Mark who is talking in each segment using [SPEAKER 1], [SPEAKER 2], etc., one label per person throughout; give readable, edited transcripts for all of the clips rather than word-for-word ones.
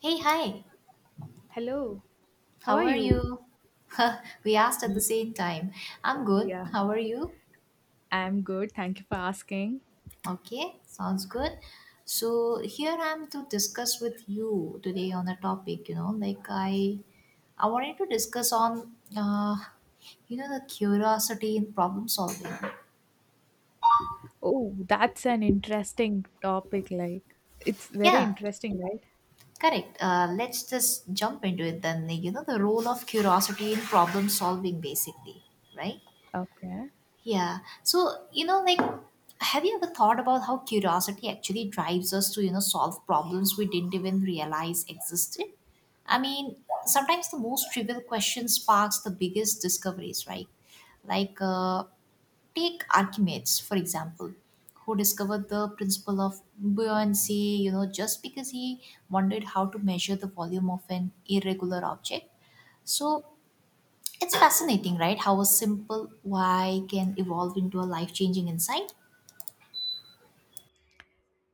[SPEAKER 1] Hey, hi.
[SPEAKER 2] Hello, how
[SPEAKER 1] How
[SPEAKER 2] are
[SPEAKER 1] are
[SPEAKER 2] you?
[SPEAKER 1] you? we asked at the same time. I'm good.
[SPEAKER 2] Yeah,
[SPEAKER 1] How are you?
[SPEAKER 2] I'm good. Thank you for asking.
[SPEAKER 1] Okay, sounds good. So here I'm to discuss with you today on a topic, you know, like I wanted to discuss on uh, you know the curiosity in problem solving.
[SPEAKER 2] Oh, that's an interesting topic. It's very
[SPEAKER 1] Yeah,
[SPEAKER 2] interesting, right?
[SPEAKER 1] correct. Let's just jump into it then. You know the role of curiosity in problem solving basically, right?
[SPEAKER 2] Okay.
[SPEAKER 1] Yeah. So, you know, like, have you ever thought about how curiosity actually drives us to, you know, solve problems we didn't even realize existed? I mean, sometimes the most trivial question sparks the biggest discoveries, right? Like, take Archimedes, for example, who discovered the principle of buoyancy, you know, just because he wondered how to measure the volume of an irregular object. So, it's fascinating, right? How a simple why can evolve into a life changing insight.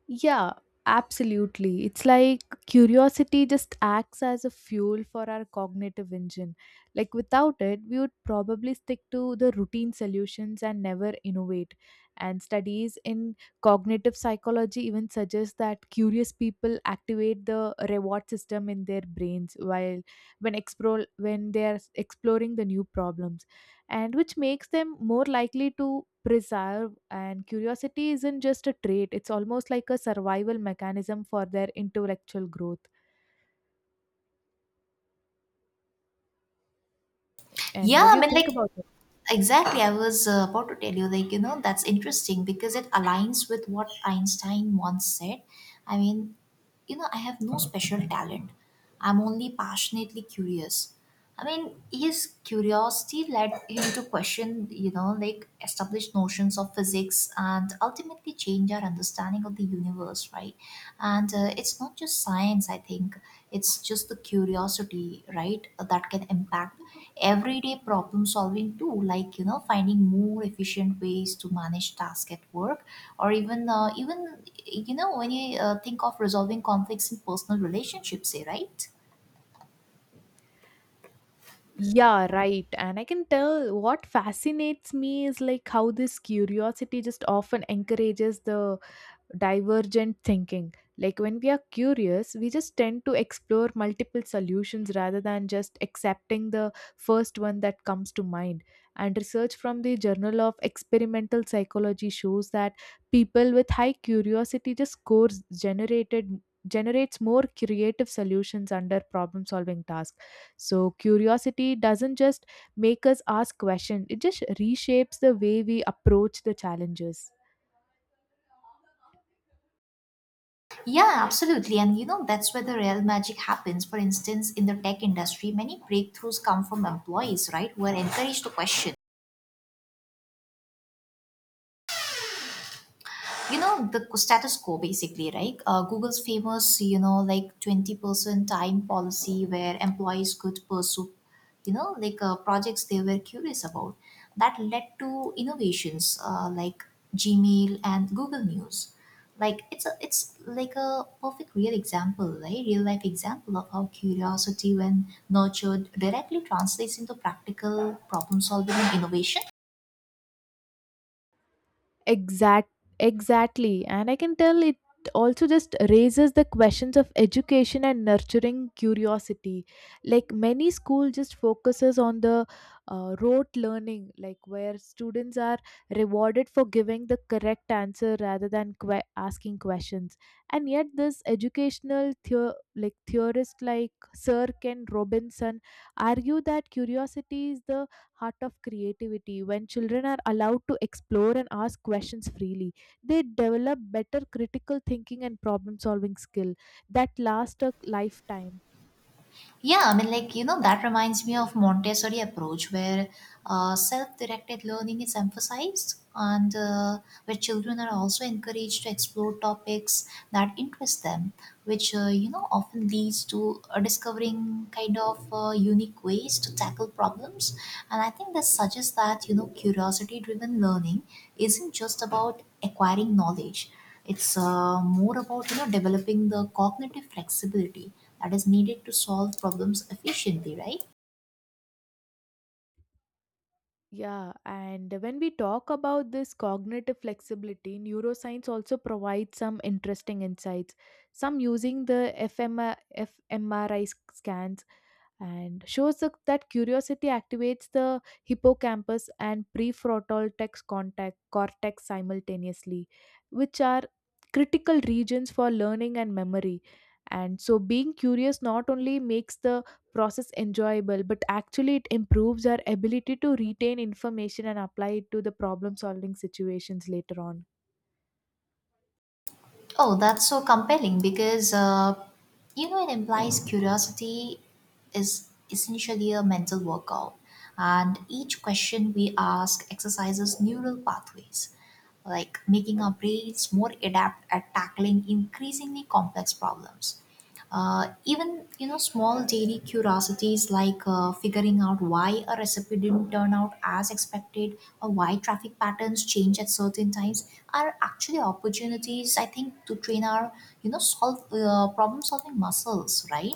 [SPEAKER 2] Yeah, absolutely. It's like curiosity just acts as a fuel for our cognitive engine. Like without it, we would probably stick to the routine solutions and never innovate. And studies in cognitive psychology even suggest that curious people activate the reward system in their brains while when explore when they are exploring the new problems, and which makes them more likely to preserve, and curiosity isn't just a trait, it's almost like a survival mechanism for their intellectual growth. And what
[SPEAKER 1] Yeah,
[SPEAKER 2] do
[SPEAKER 1] I
[SPEAKER 2] you
[SPEAKER 1] mean,
[SPEAKER 2] think
[SPEAKER 1] like
[SPEAKER 2] about it?
[SPEAKER 1] exactly, I was about to tell you, like, you know, that's interesting because it aligns with what Einstein once said. I mean, you know, I have no special talent, I'm only passionately curious. I mean, his curiosity led him to question, you know, like established notions of physics and ultimately change our understanding of the universe, right? And it's not just science, I think, it's just the curiosity, right, that can impact everyday problem solving too, like you know finding more efficient ways to manage tasks at work, or even you know when you think of resolving conflicts in personal relationships, eh, right?
[SPEAKER 2] Yeah, right. And I can tell what fascinates me is like how this curiosity just often encourages the divergent thinking. Like when we are curious, we just tend to explore multiple solutions rather than just accepting the first one that comes to mind. And research from the Journal of Experimental Psychology shows that people with high curiosity just scores generated generates more creative solutions under problem solving tasks. So curiosity doesn't just make us ask questions, it just reshapes the way we approach the challenges.
[SPEAKER 1] Yeah, absolutely, and you know that's where the real magic happens. For instance, in the tech industry many breakthroughs come from employees, right, who are encouraged to question, you know, the status quo basically, right? Google's famous, you know, like 20% time policy where employees could pursue, you know, projects they were curious about, that led to innovations like Gmail and Google News. It's like a perfect real example, right, real life example of how curiosity, when nurtured, directly translates into practical problem solving and innovation.
[SPEAKER 2] Exact, exactly. And I can tell it also just raises the questions of education and nurturing curiosity. Like many school just focuses on the rote learning, like where students are rewarded for giving the correct answer rather than asking questions. And yet, this educational theorist like Sir Ken Robinson argue that curiosity is the heart of creativity. When children are allowed to explore and ask questions freely, they develop better critical thinking and problem solving skill that last a lifetime.
[SPEAKER 1] Yeah, I mean, like, you know, that reminds me of Montessori approach where self-directed learning is emphasized, and where children are also encouraged to explore topics that interest them, which, you know, often leads to discovering kind of unique ways to tackle problems. And I think this suggests that, you know, curiosity-driven learning isn't just about acquiring knowledge. It's more about, you know, developing the cognitive flexibility that is needed to solve problems efficiently, right?
[SPEAKER 2] Yeah, and when we talk about this cognitive flexibility, neuroscience also provides some interesting insights. Some using the fMRI scans, and shows that curiosity activates the hippocampus and prefrontal cortex simultaneously, which are critical regions for learning and memory. And so, being curious not only makes the process enjoyable, but actually it improves our ability to retain information and apply it to the problem solving situations later on.
[SPEAKER 1] Oh, that's so compelling because you know it implies curiosity is essentially a mental workout, and each question we ask exercises neural pathways, like making our brains more adept at tackling increasingly complex problems. Even you know small daily curiosities, like figuring out why a recipe didn't turn out as expected, or why traffic patterns change at certain times, are actually opportunities, I think, to train our, you know, solve, problem solving muscles, right?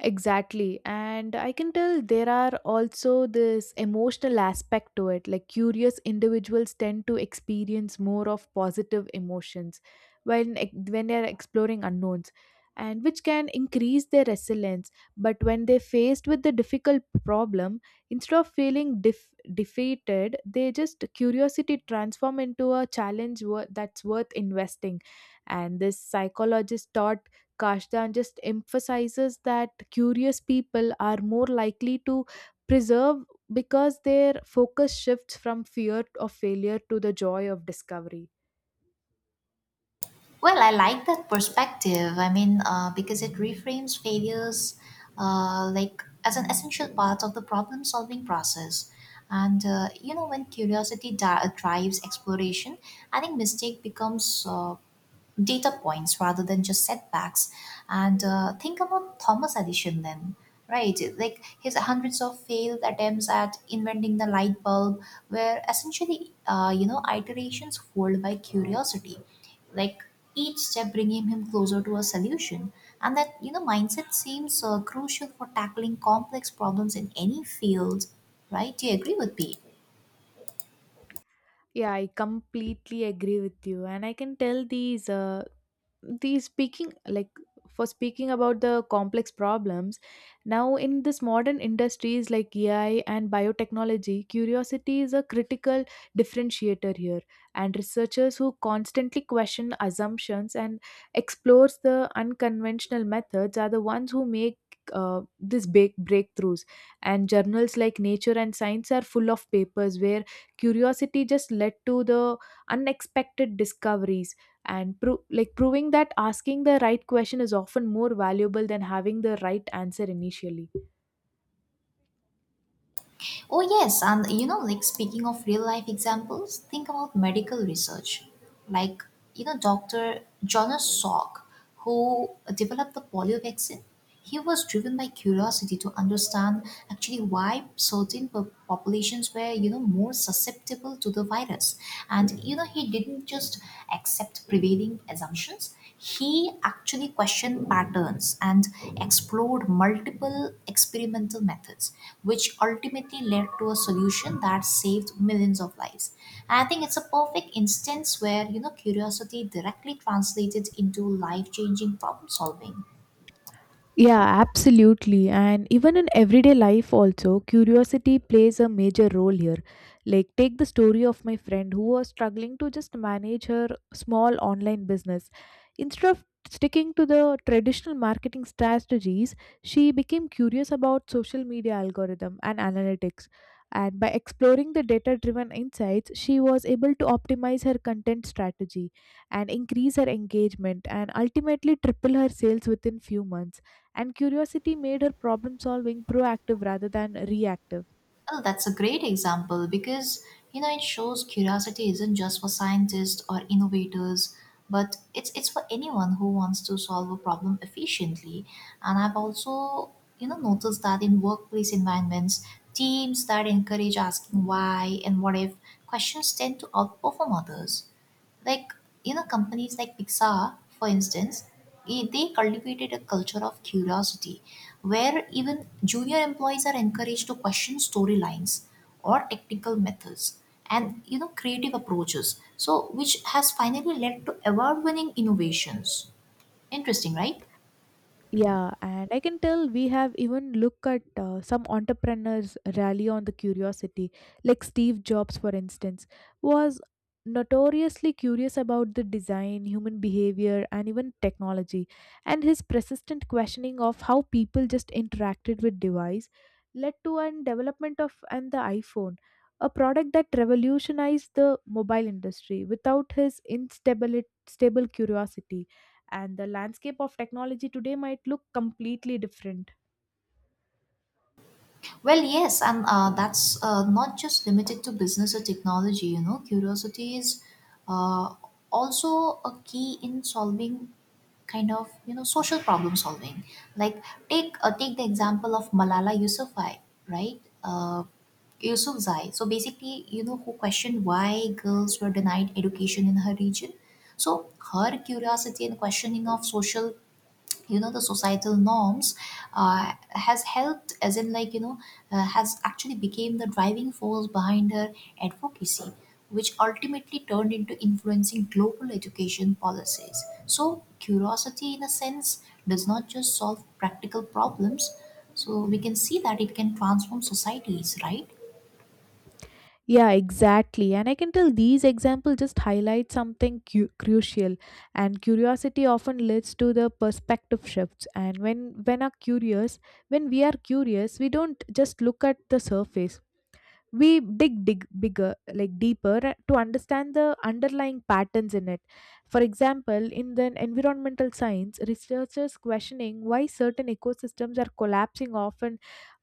[SPEAKER 2] Exactly. And I can tell there are also this emotional aspect to it. Like curious individuals tend to experience more of positive emotions when when they're exploring unknowns, and which can increase their resilience. But when they're faced with the difficult problem, instead of feeling defeated, they just curiosity transform into a challenge that's worth investing. And this psychologist thought. Kashdan just emphasizes that curious people are more likely to preserve because their focus shifts from fear of failure to the joy of discovery.
[SPEAKER 1] Well, I like that perspective. I mean, because it reframes failures like as an essential part of the problem-solving process. And you know, when drives exploration, I think mistake becomes data points rather than just setbacks. And think about Thomas Edison then, right? Like his hundreds of failed attempts at inventing the light bulb were essentially, you know, iterations fueled by curiosity. Like each step bringing him closer to a solution. And that, you know, mindset seems crucial for tackling complex problems in any field, right? Do you agree with me?
[SPEAKER 2] Yeah, I completely agree with you. And I can tell these the speaking like for speaking about the complex problems now in this modern industries like AI and biotechnology, curiosity is a critical differentiator here. And researchers who constantly question assumptions and explores the unconventional methods are the ones who make this big breakthroughs. And journals like nature and science are full of papers where curiosity just led to the unexpected discoveries, and proving that asking the right question is often more valuable than having the right answer initially.
[SPEAKER 1] Oh, yes. And you know, like, speaking of real life examples, think about medical research. Like, you know, Dr. Jonas Salk, who developed the polio vaccine, he was driven by curiosity to understand actually why certain populations were, you know, more susceptible to the virus. And, you know, he didn't just accept prevailing assumptions, he actually questioned patterns and explored multiple experimental methods, which ultimately led to a solution that saved millions of lives. And I think it's a perfect instance where you know curiosity directly translated into life-changing problem solving.
[SPEAKER 2] Yeah, absolutely. And even in everyday life, also, curiosity plays a major role here. Like, take the story of my friend who was struggling to just manage her small online business. Instead of sticking to the traditional marketing strategies, she became curious about social media algorithm and analytics. And by exploring the data driven insights, she was able to optimize her content strategy and increase her engagement and ultimately triple her sales within few months. And curiosity made her problem solving proactive rather than reactive.
[SPEAKER 1] Oh, that's a great example because you know it shows curiosity isn't just for scientists or innovators, but it's for anyone who wants to solve a problem efficiently. And I've also, you know, noticed that in workplace environments, teams that encourage asking why and what if questions tend to outperform others, like, you know, companies like Pixar, for instance. They cultivated a culture of curiosity where even junior employees are encouraged to question storylines or technical methods and, you know, creative approaches, so which has finally led to award winning innovations. Interesting, right?
[SPEAKER 2] Yeah, and I can tell we have even looked at some entrepreneurs rally on the curiosity, like Steve Jobs, for instance, was notoriously curious about the design, human behavior, and even technology. And his persistent questioning of how people just interacted with device led to an development of and the iPhone, a product that revolutionized the mobile industry. Without his instable stable curiosity, and the landscape of technology today might look completely different.
[SPEAKER 1] Well, yes, and that's not just limited to business or technology, you know, curiosity is uh, also a key in solving kind of, you know, social problem solving. Like take the example of Malala Yousafzai, right? Yousafzai. So basically, you know, who questioned why girls were denied education in her region. So her curiosity and questioning of social, you know, the societal norms, has helped as in like you know has actually became the driving force behind her advocacy, which ultimately turned into influencing global education policies. So curiosity, in a sense, does not just solve practical problems, so we can see that it can transform societies, right?
[SPEAKER 2] Yeah, exactly. And I can tell these examples just highlight something crucial. And curiosity often leads to the perspective shifts. And when we are curious, we don't just look at the surface. We dig bigger, like deeper, to understand the underlying patterns in it. For example, in the environmental science, researchers questioning why certain ecosystems are collapsing often,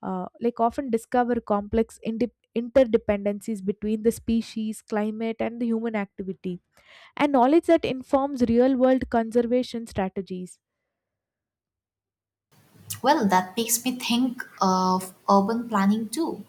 [SPEAKER 2] often discover complex interdependencies between the species, climate, and the human activity, and knowledge that informs real world conservation strategies.
[SPEAKER 1] Well, that makes me think of urban planning too.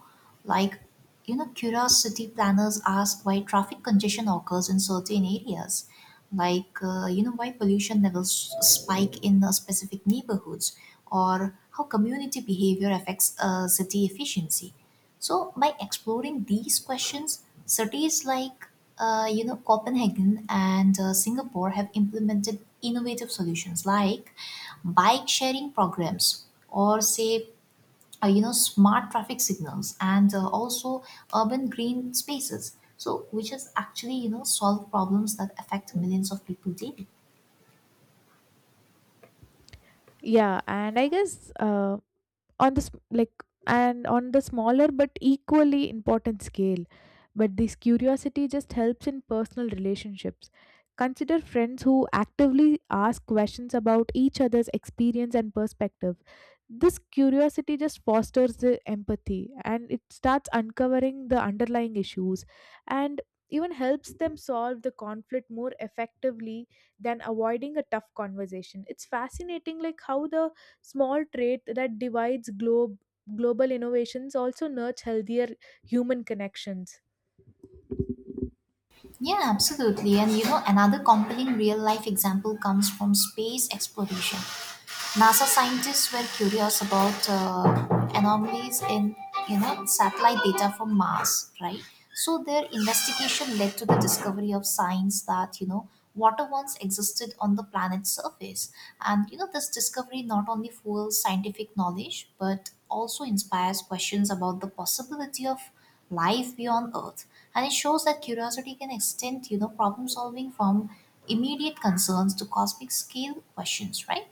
[SPEAKER 1] Like, you know, curiosity planners ask why traffic congestion occurs in certain areas, like, you know, why pollution levels spike in specific neighborhoods, or how community behavior affects city efficiency. So by exploring these questions, cities like you know Copenhagen and Singapore have implemented innovative solutions like bike sharing programs or say you know smart traffic signals and also urban green spaces. So which has actually you know solved problems that affect millions of people daily.
[SPEAKER 2] Yeah, and I guess on the sm- like and on the smaller but equally important scale, but this curiosity just helps in personal relationships. Consider friends who actively ask questions about each other's experience and perspective. This curiosity just fosters the empathy, and it starts uncovering the underlying issues, and even helps them solve the conflict more effectively than avoiding a tough conversation. It's fascinating like how the small trait that divides globe global innovations also nurture healthier human connections.
[SPEAKER 1] Yeah, absolutely. And you know, another compelling real life example comes from space exploration. NASA scientists were curious about anomalies in, you know, satellite data from Mars, right? So their investigation led to the discovery of signs that you know water once existed on the planet's surface, and you know this discovery not only fuels scientific knowledge but also inspires questions about the possibility of life beyond Earth, and it shows that curiosity can extend, you know, problem solving from immediate concerns to cosmic scale questions, right?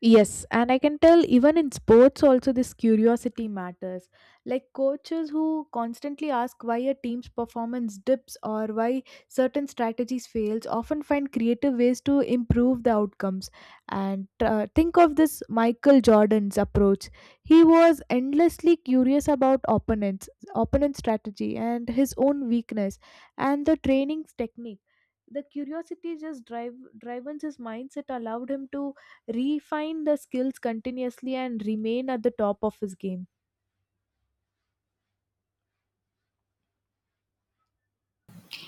[SPEAKER 2] Yes, and I can tell even in sports also this curiosity matters. Like coaches who constantly ask why a team's performance dips or why certain strategies fails often find creative ways to improve the outcomes. And think of this Michael Jordan's approach. He was endlessly curious about opponent strategy and his own weakness and the training technique. The curiosity just driven his mindset allowed him to refine the skills continuously and remain at the top of his game.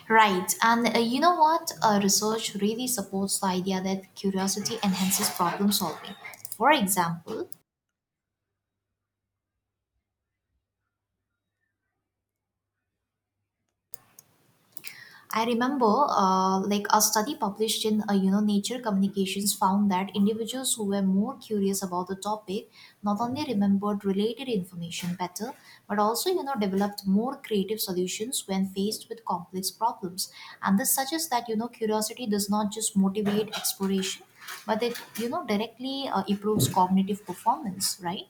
[SPEAKER 1] Right, and you know what? Research really supports the idea that curiosity enhances problem solving. For example, I remember, like a study published in, you know, Nature Communications found that individuals who were more curious about the topic not only remembered related information better, but also you know developed more creative solutions when faced with complex problems. And this suggests that you know curiosity does not just motivate exploration, but it you know directly improves cognitive performance, right?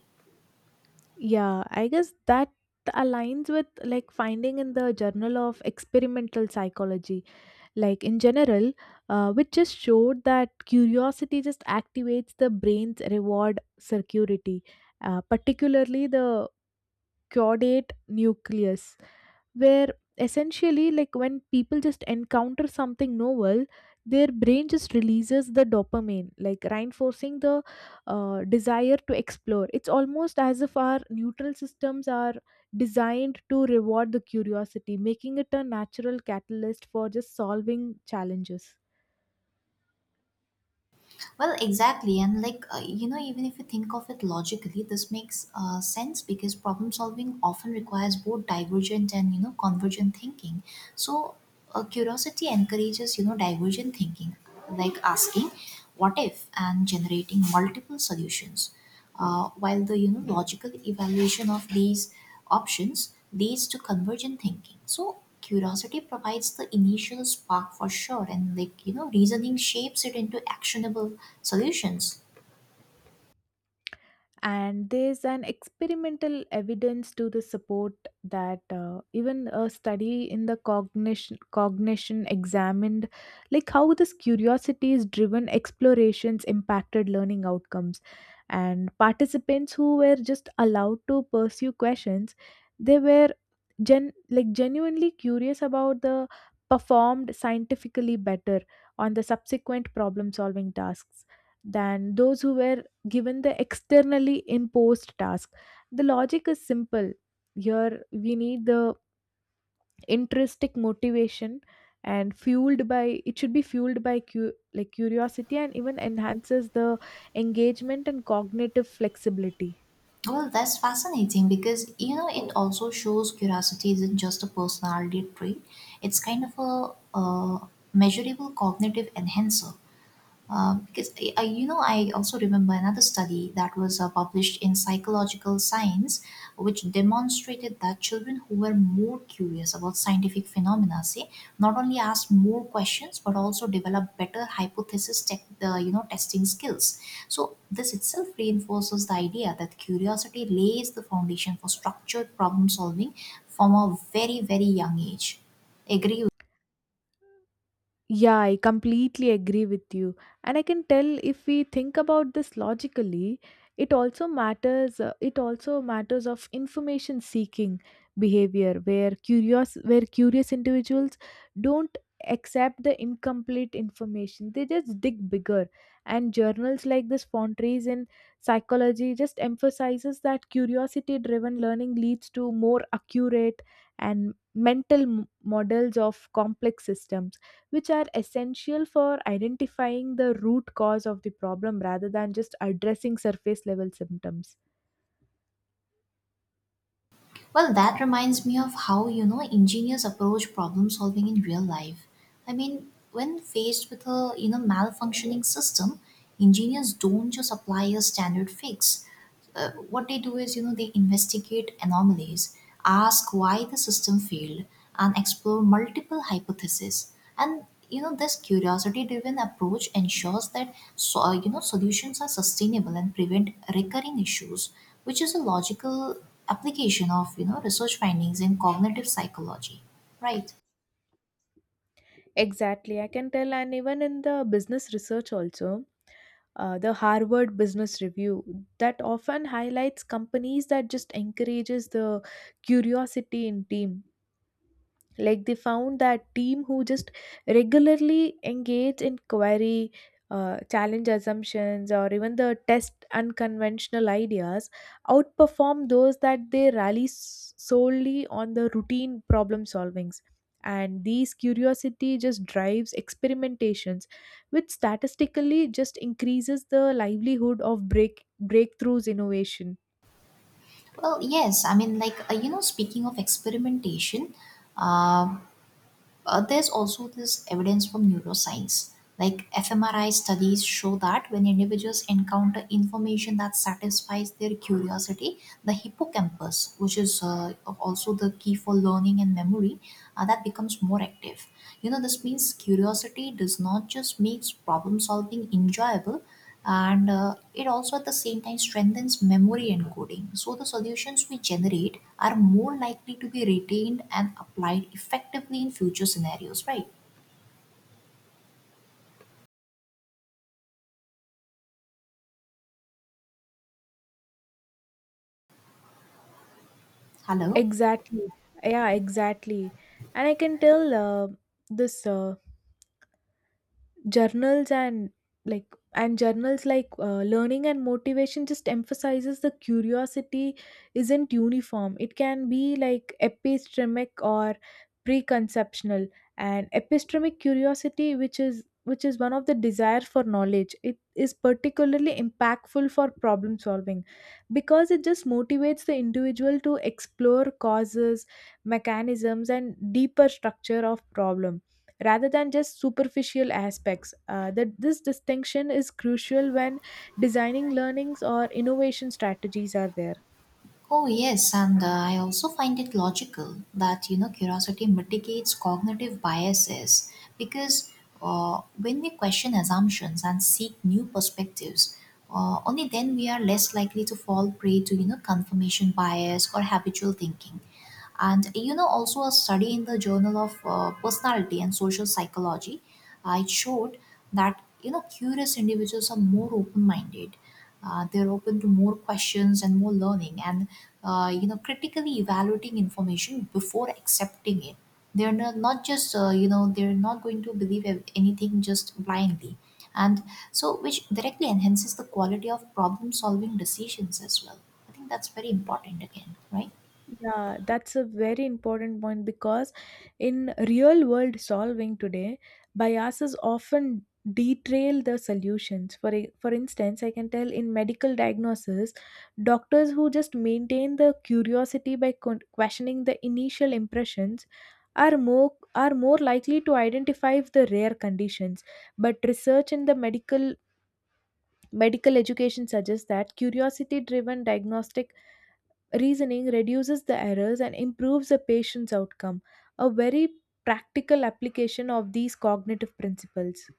[SPEAKER 2] Yeah, I guess that aligns with like finding in the Journal of Experimental Psychology, like in general, which just showed that curiosity just activates the brain's reward circuitry, particularly the Caudate nucleus, where essentially like when people just encounter something novel, their brain just releases the dopamine, like reinforcing the desire to explore. It's almost as if our neutral systems are designed to reward the curiosity, making it a natural catalyst for just solving challenges.
[SPEAKER 1] Well, exactly. And like, you know, even if you think of it logically, this makes sense because problem solving often requires both divergent and, you know, convergent thinking. So, curiosity encourages, you know, divergent thinking, like asking, what if, and generating multiple solutions. While the you know logical evaluation of these options leads to convergent thinking. So curiosity provides the initial spark for sure, and like you know reasoning shapes it into actionable solutions.
[SPEAKER 2] And there's an experimental evidence to the support that, even a study in the cognition examined like how this curiosity is driven explorations impacted learning outcomes. And participants who were just allowed to pursue questions they were genuinely curious about the performed scientifically better on the subsequent problem solving tasks than those who were given the externally imposed task. The logic is simple. Here we need the intrinsic motivation and fueled by it should be fueled by curiosity, and even enhances the engagement and cognitive flexibility.
[SPEAKER 1] Well, that's fascinating because you know it also shows curiosity isn't just a personality trait; it's kind of a, uh measurable cognitive enhancer. Because you know, I also remember another study that was published in Psychological Science, which demonstrated that children who were more curious about scientific phenomena, say, not only asked more questions but also developed better hypothesis, you know, testing skills. So this itself reinforces the idea that curiosity lays the foundation for structured problem solving from a very, very young age. Agree.
[SPEAKER 2] Yeah, I completely agree with you. And I can tell if we think about this logically, it also matters of information seeking behavior, where curious individuals don't accept the incomplete information. They just dig bigger. And journals like this Fontrese in psychology just emphasizes that curiosity driven learning leads to more accurate and mental models of complex systems, which are essential for identifying the root cause of the problem rather than just addressing surface level symptoms.
[SPEAKER 1] Well, that reminds me of how, you know, engineers approach problem solving in real life. I mean, when faced with a, you know, malfunctioning system, engineers don't just apply a standard fix. What they do is, you know, they investigate anomalies, ask why the system failed, and explore multiple hypotheses. And, this curiosity-driven approach ensures that solutions are sustainable and prevent recurring issues, which is a logical application of research findings in cognitive psychology, right?
[SPEAKER 2] Exactly, I can tell, and even in the business research, also, the Harvard Business Review that often highlights companies that just encourages the curiosity in team, like they found that team who just regularly engage in query, challenge assumptions or even the test unconventional ideas outperform those that they rally solely on the routine problem solvings. And these curiosity just drives experimentations, which statistically just increases the livelihood of breakthroughs innovation.
[SPEAKER 1] Well, yes, I mean, speaking of experimentation, uh, there's also this evidence from neuroscience. Like, fmri studies show that when individuals encounter information that satisfies their curiosity, the hippocampus, which is, also the key for learning and memory, that becomes more active. You know, this means curiosity does not just makes problem solving enjoyable, and it also at the same time strengthens memory encoding, so the solutions we generate are more likely to be retained and applied effectively in future scenarios, right? Hello.
[SPEAKER 2] Exactly. Yeah, exactly. And I can tell this journals and journals like learning and motivation just emphasizes the curiosity isn't uniform. It can be like epistemic or preconceptional, and epistemic curiosity, which is one of the desire for knowledge, it is particularly impactful for problem solving because it just motivates the individual to explore causes, mechanisms, and deeper structure of problem rather than just superficial aspects. That this distinction is crucial when designing learnings or innovation strategies are there.
[SPEAKER 1] Oh, yes, and I also find it logical that curiosity mitigates cognitive biases, because when we question assumptions and seek new perspectives, only then we are less likely to fall prey to confirmation bias or habitual thinking. And you know, also a study in the Journal of Personality and Social Psychology, it showed that curious individuals are more open-minded. They're open to more questions and more learning, and critically evaluating information before accepting it. They're not, not just they're not going to anything just blindly, and so which directly enhances the quality of problem solving decisions as well. I think that's very important again, right?
[SPEAKER 2] Yeah, that's a very important point because in real world solving today, biases often detail the solutions. For for instance, I can tell in medical diagnosis, doctors who just maintain the curiosity by questioning the initial impressions are more likely to identify the rare conditions. But research in the medical education suggests that curiosity driven diagnostic reasoning reduces the errors and improves the patient's outcome. A very practical application of these cognitive principles.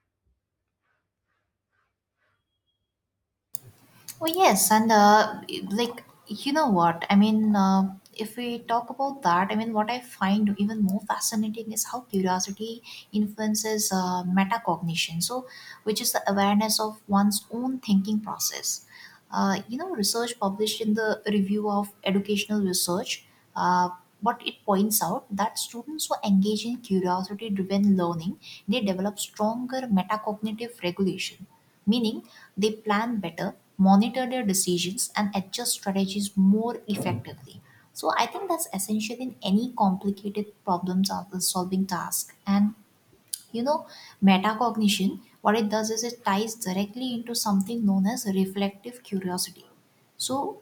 [SPEAKER 1] Well, yes, and like you know what I mean. If we talk about that, I mean, what I find even more fascinating is how curiosity influences metacognition. So, which is the awareness of one's own thinking process. Research published in the Review of Educational Research, uh, what it points out that students who engage in curiosity-driven learning, they develop stronger metacognitive regulation, meaning they plan better, monitor their decisions, and adjust strategies more effectively. So I think that's essential in any complicated solving task. And you know, metacognition, what it does is it ties directly into something known as reflective curiosity. So,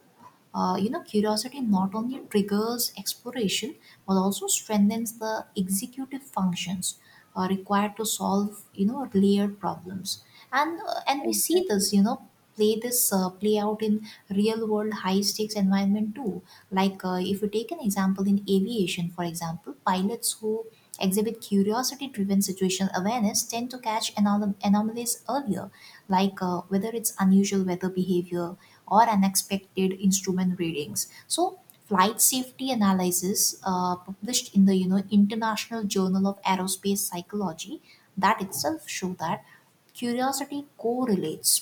[SPEAKER 1] curiosity not only triggers exploration but also strengthens the executive functions required to solve layered problems. And and we see
[SPEAKER 2] Exactly.
[SPEAKER 1] this, you know, play this play out in real world high stakes environment too. Like, if you take an example in aviation, for example, pilots who exhibit curiosity driven situation awareness tend to catch anomalies earlier, like whether it's unusual weather behavior or unexpected instrument readings. So, flight safety analysis published in the International Journal of Aerospace Psychology, that itself show that curiosity correlates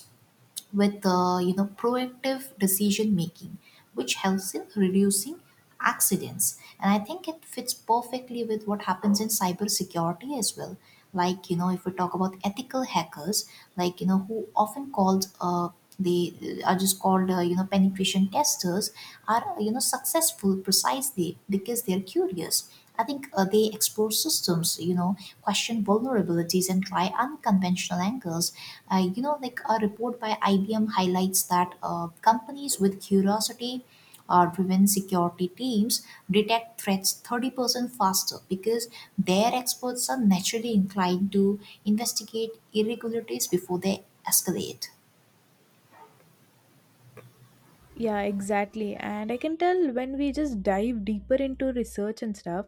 [SPEAKER 1] with proactive decision making, which helps in reducing accidents. And I think it fits perfectly with what happens in cybersecurity as well. Like, you know, if we talk about ethical hackers, like you know, who often called they are just called, penetration testers, are, you know, successful precisely because they're curious. I think they explore systems, you know, question vulnerabilities and try unconventional angles. Like a report by IBM highlights that companies with curiosity or driven security teams detect threats 30% faster because their experts are naturally inclined to investigate irregularities before they escalate.
[SPEAKER 2] Yeah, exactly. And I can tell when we just dive deeper into research and stuff.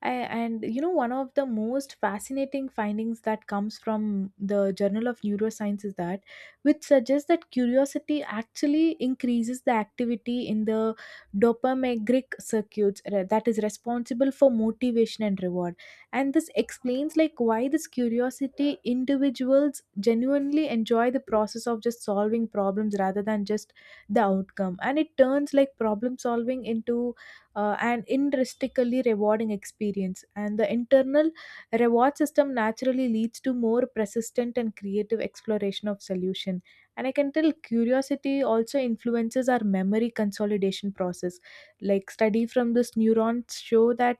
[SPEAKER 2] I, and you know, one of the most fascinating findings that comes from the Journal of Neuroscience is that, which suggests that curiosity actually increases the activity in the dopaminergic circuits that is responsible for motivation and reward. And this explains like why this curiosity individuals genuinely enjoy the process of just solving problems rather than just the outcome. And it turns like problem solving into an intrinsically rewarding experience, and the internal reward system naturally leads to more persistent and creative exploration of solution. And I can tell curiosity also influences our memory consolidation process, like study from this neurons show that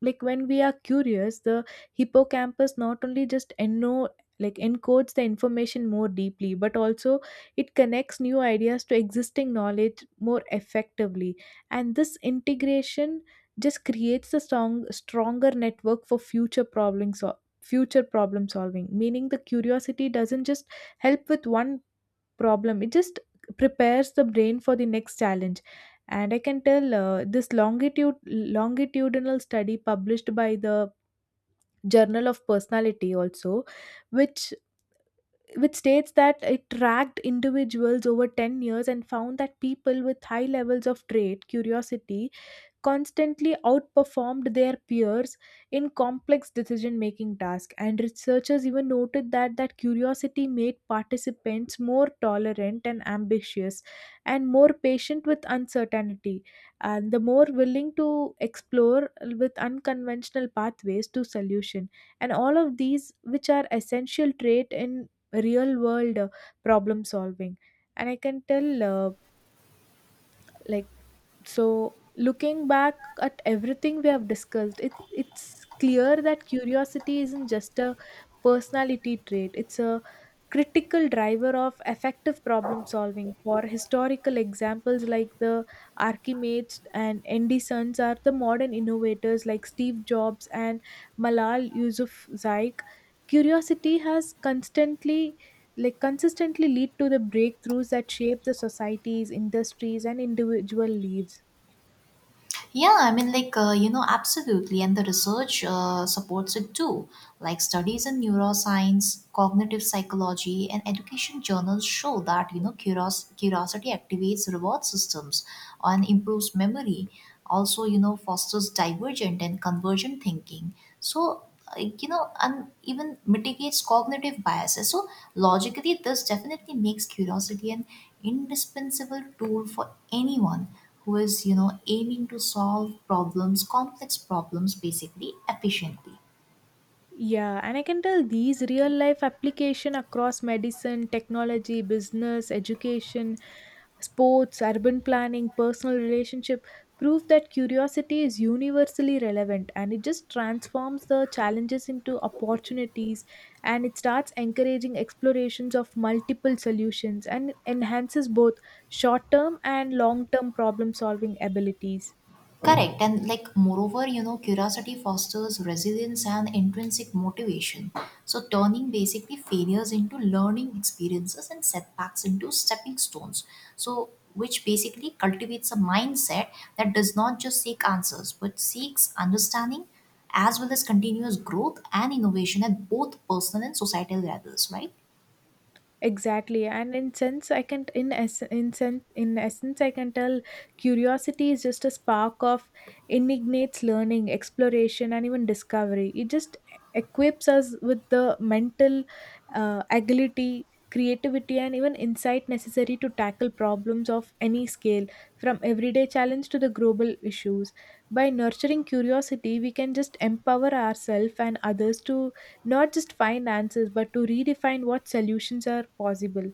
[SPEAKER 2] like when we are curious the hippocampus not only just eno like encodes the information more deeply but also it connects new ideas to existing knowledge more effectively, and this integration just creates a stronger network for future problem solving. Meaning, the curiosity doesn't just help with one problem; it just prepares the brain for the next challenge. And I can tell this longitude longitudinal study published by the Journal of Personality also, which which states that it tracked individuals over 10 years and found that people with high levels of trait, curiosity, constantly outperformed their peers in complex decision making tasks. And researchers even noted that curiosity made participants more tolerant and ambitious and more patient with uncertainty and the more willing to explore with unconventional pathways to solution, and all of these which are essential trait in real world problem solving. And I can tell like so, looking back at everything we have discussed, it's clear that curiosity isn't just a personality trait, it's a critical driver of effective problem solving. For historical examples like the Archimedes and Andy Sons, are the modern innovators like Steve Jobs and Malal Yousafzai. Curiosity has constantly like consistently lead to the breakthroughs that shape the societies, industries, and individual lives.
[SPEAKER 1] Yeah, I mean, absolutely. And the research supports it too. Like, studies in neuroscience, cognitive psychology, and education journals show that, you know, curiosity activates reward systems and improves memory. Also, you know, fosters divergent and convergent thinking. So, and even mitigates cognitive biases. So, logically, this definitely makes curiosity an indispensable tool for anyone who is, aiming to solve problems, complex problems, basically, efficiently.
[SPEAKER 2] Yeah, and I can tell these real life application across medicine, technology, business, education, sports, urban planning, personal relationship prove that curiosity is universally relevant, and it just transforms the challenges into opportunities, and it starts encouraging explorations of multiple solutions and enhances both short-term and long-term problem solving abilities.
[SPEAKER 1] Correct. And like, moreover, you know, curiosity fosters resilience and intrinsic motivation, so turning basically failures into learning experiences and setbacks into stepping stones. So which basically cultivates a mindset that does not just seek answers but seeks understanding, as well as continuous growth and innovation at both personal and societal levels, right?
[SPEAKER 2] Exactly, and in sense, I can in ess in sense in essence, I can tell curiosity is just a spark of inignates learning, exploration, and even discovery. It just equips us with the mental agility, creativity, and even insight necessary to tackle problems of any scale, from everyday challenge to the global issues. By nurturing curiosity, we can just empower ourselves and others to not just find answers, but to redefine what solutions are possible.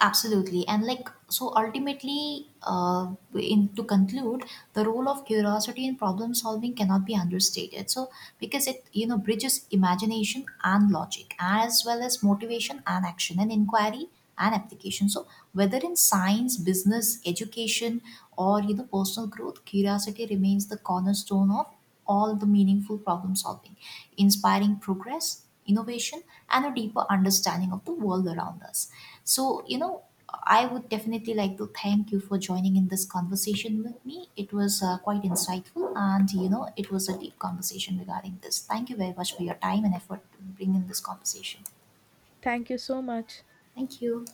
[SPEAKER 1] Absolutely. And like, so ultimately, in to conclude, the role of curiosity in problem solving cannot be understated. So, because it, you know, bridges imagination and logic, as well as motivation and action and inquiry and application. So, whether in science, business, education, or, you know, personal growth, curiosity remains the cornerstone of all the meaningful problem solving, inspiring progress, innovation, and a deeper understanding of the world around us. So, you know, I would definitely like to thank you for joining in this conversation with me. It was quite insightful and, you know, it was a deep conversation regarding this. Thank you very much for your time and effort to bring in this conversation.
[SPEAKER 2] Thank you so much.
[SPEAKER 1] Thank you.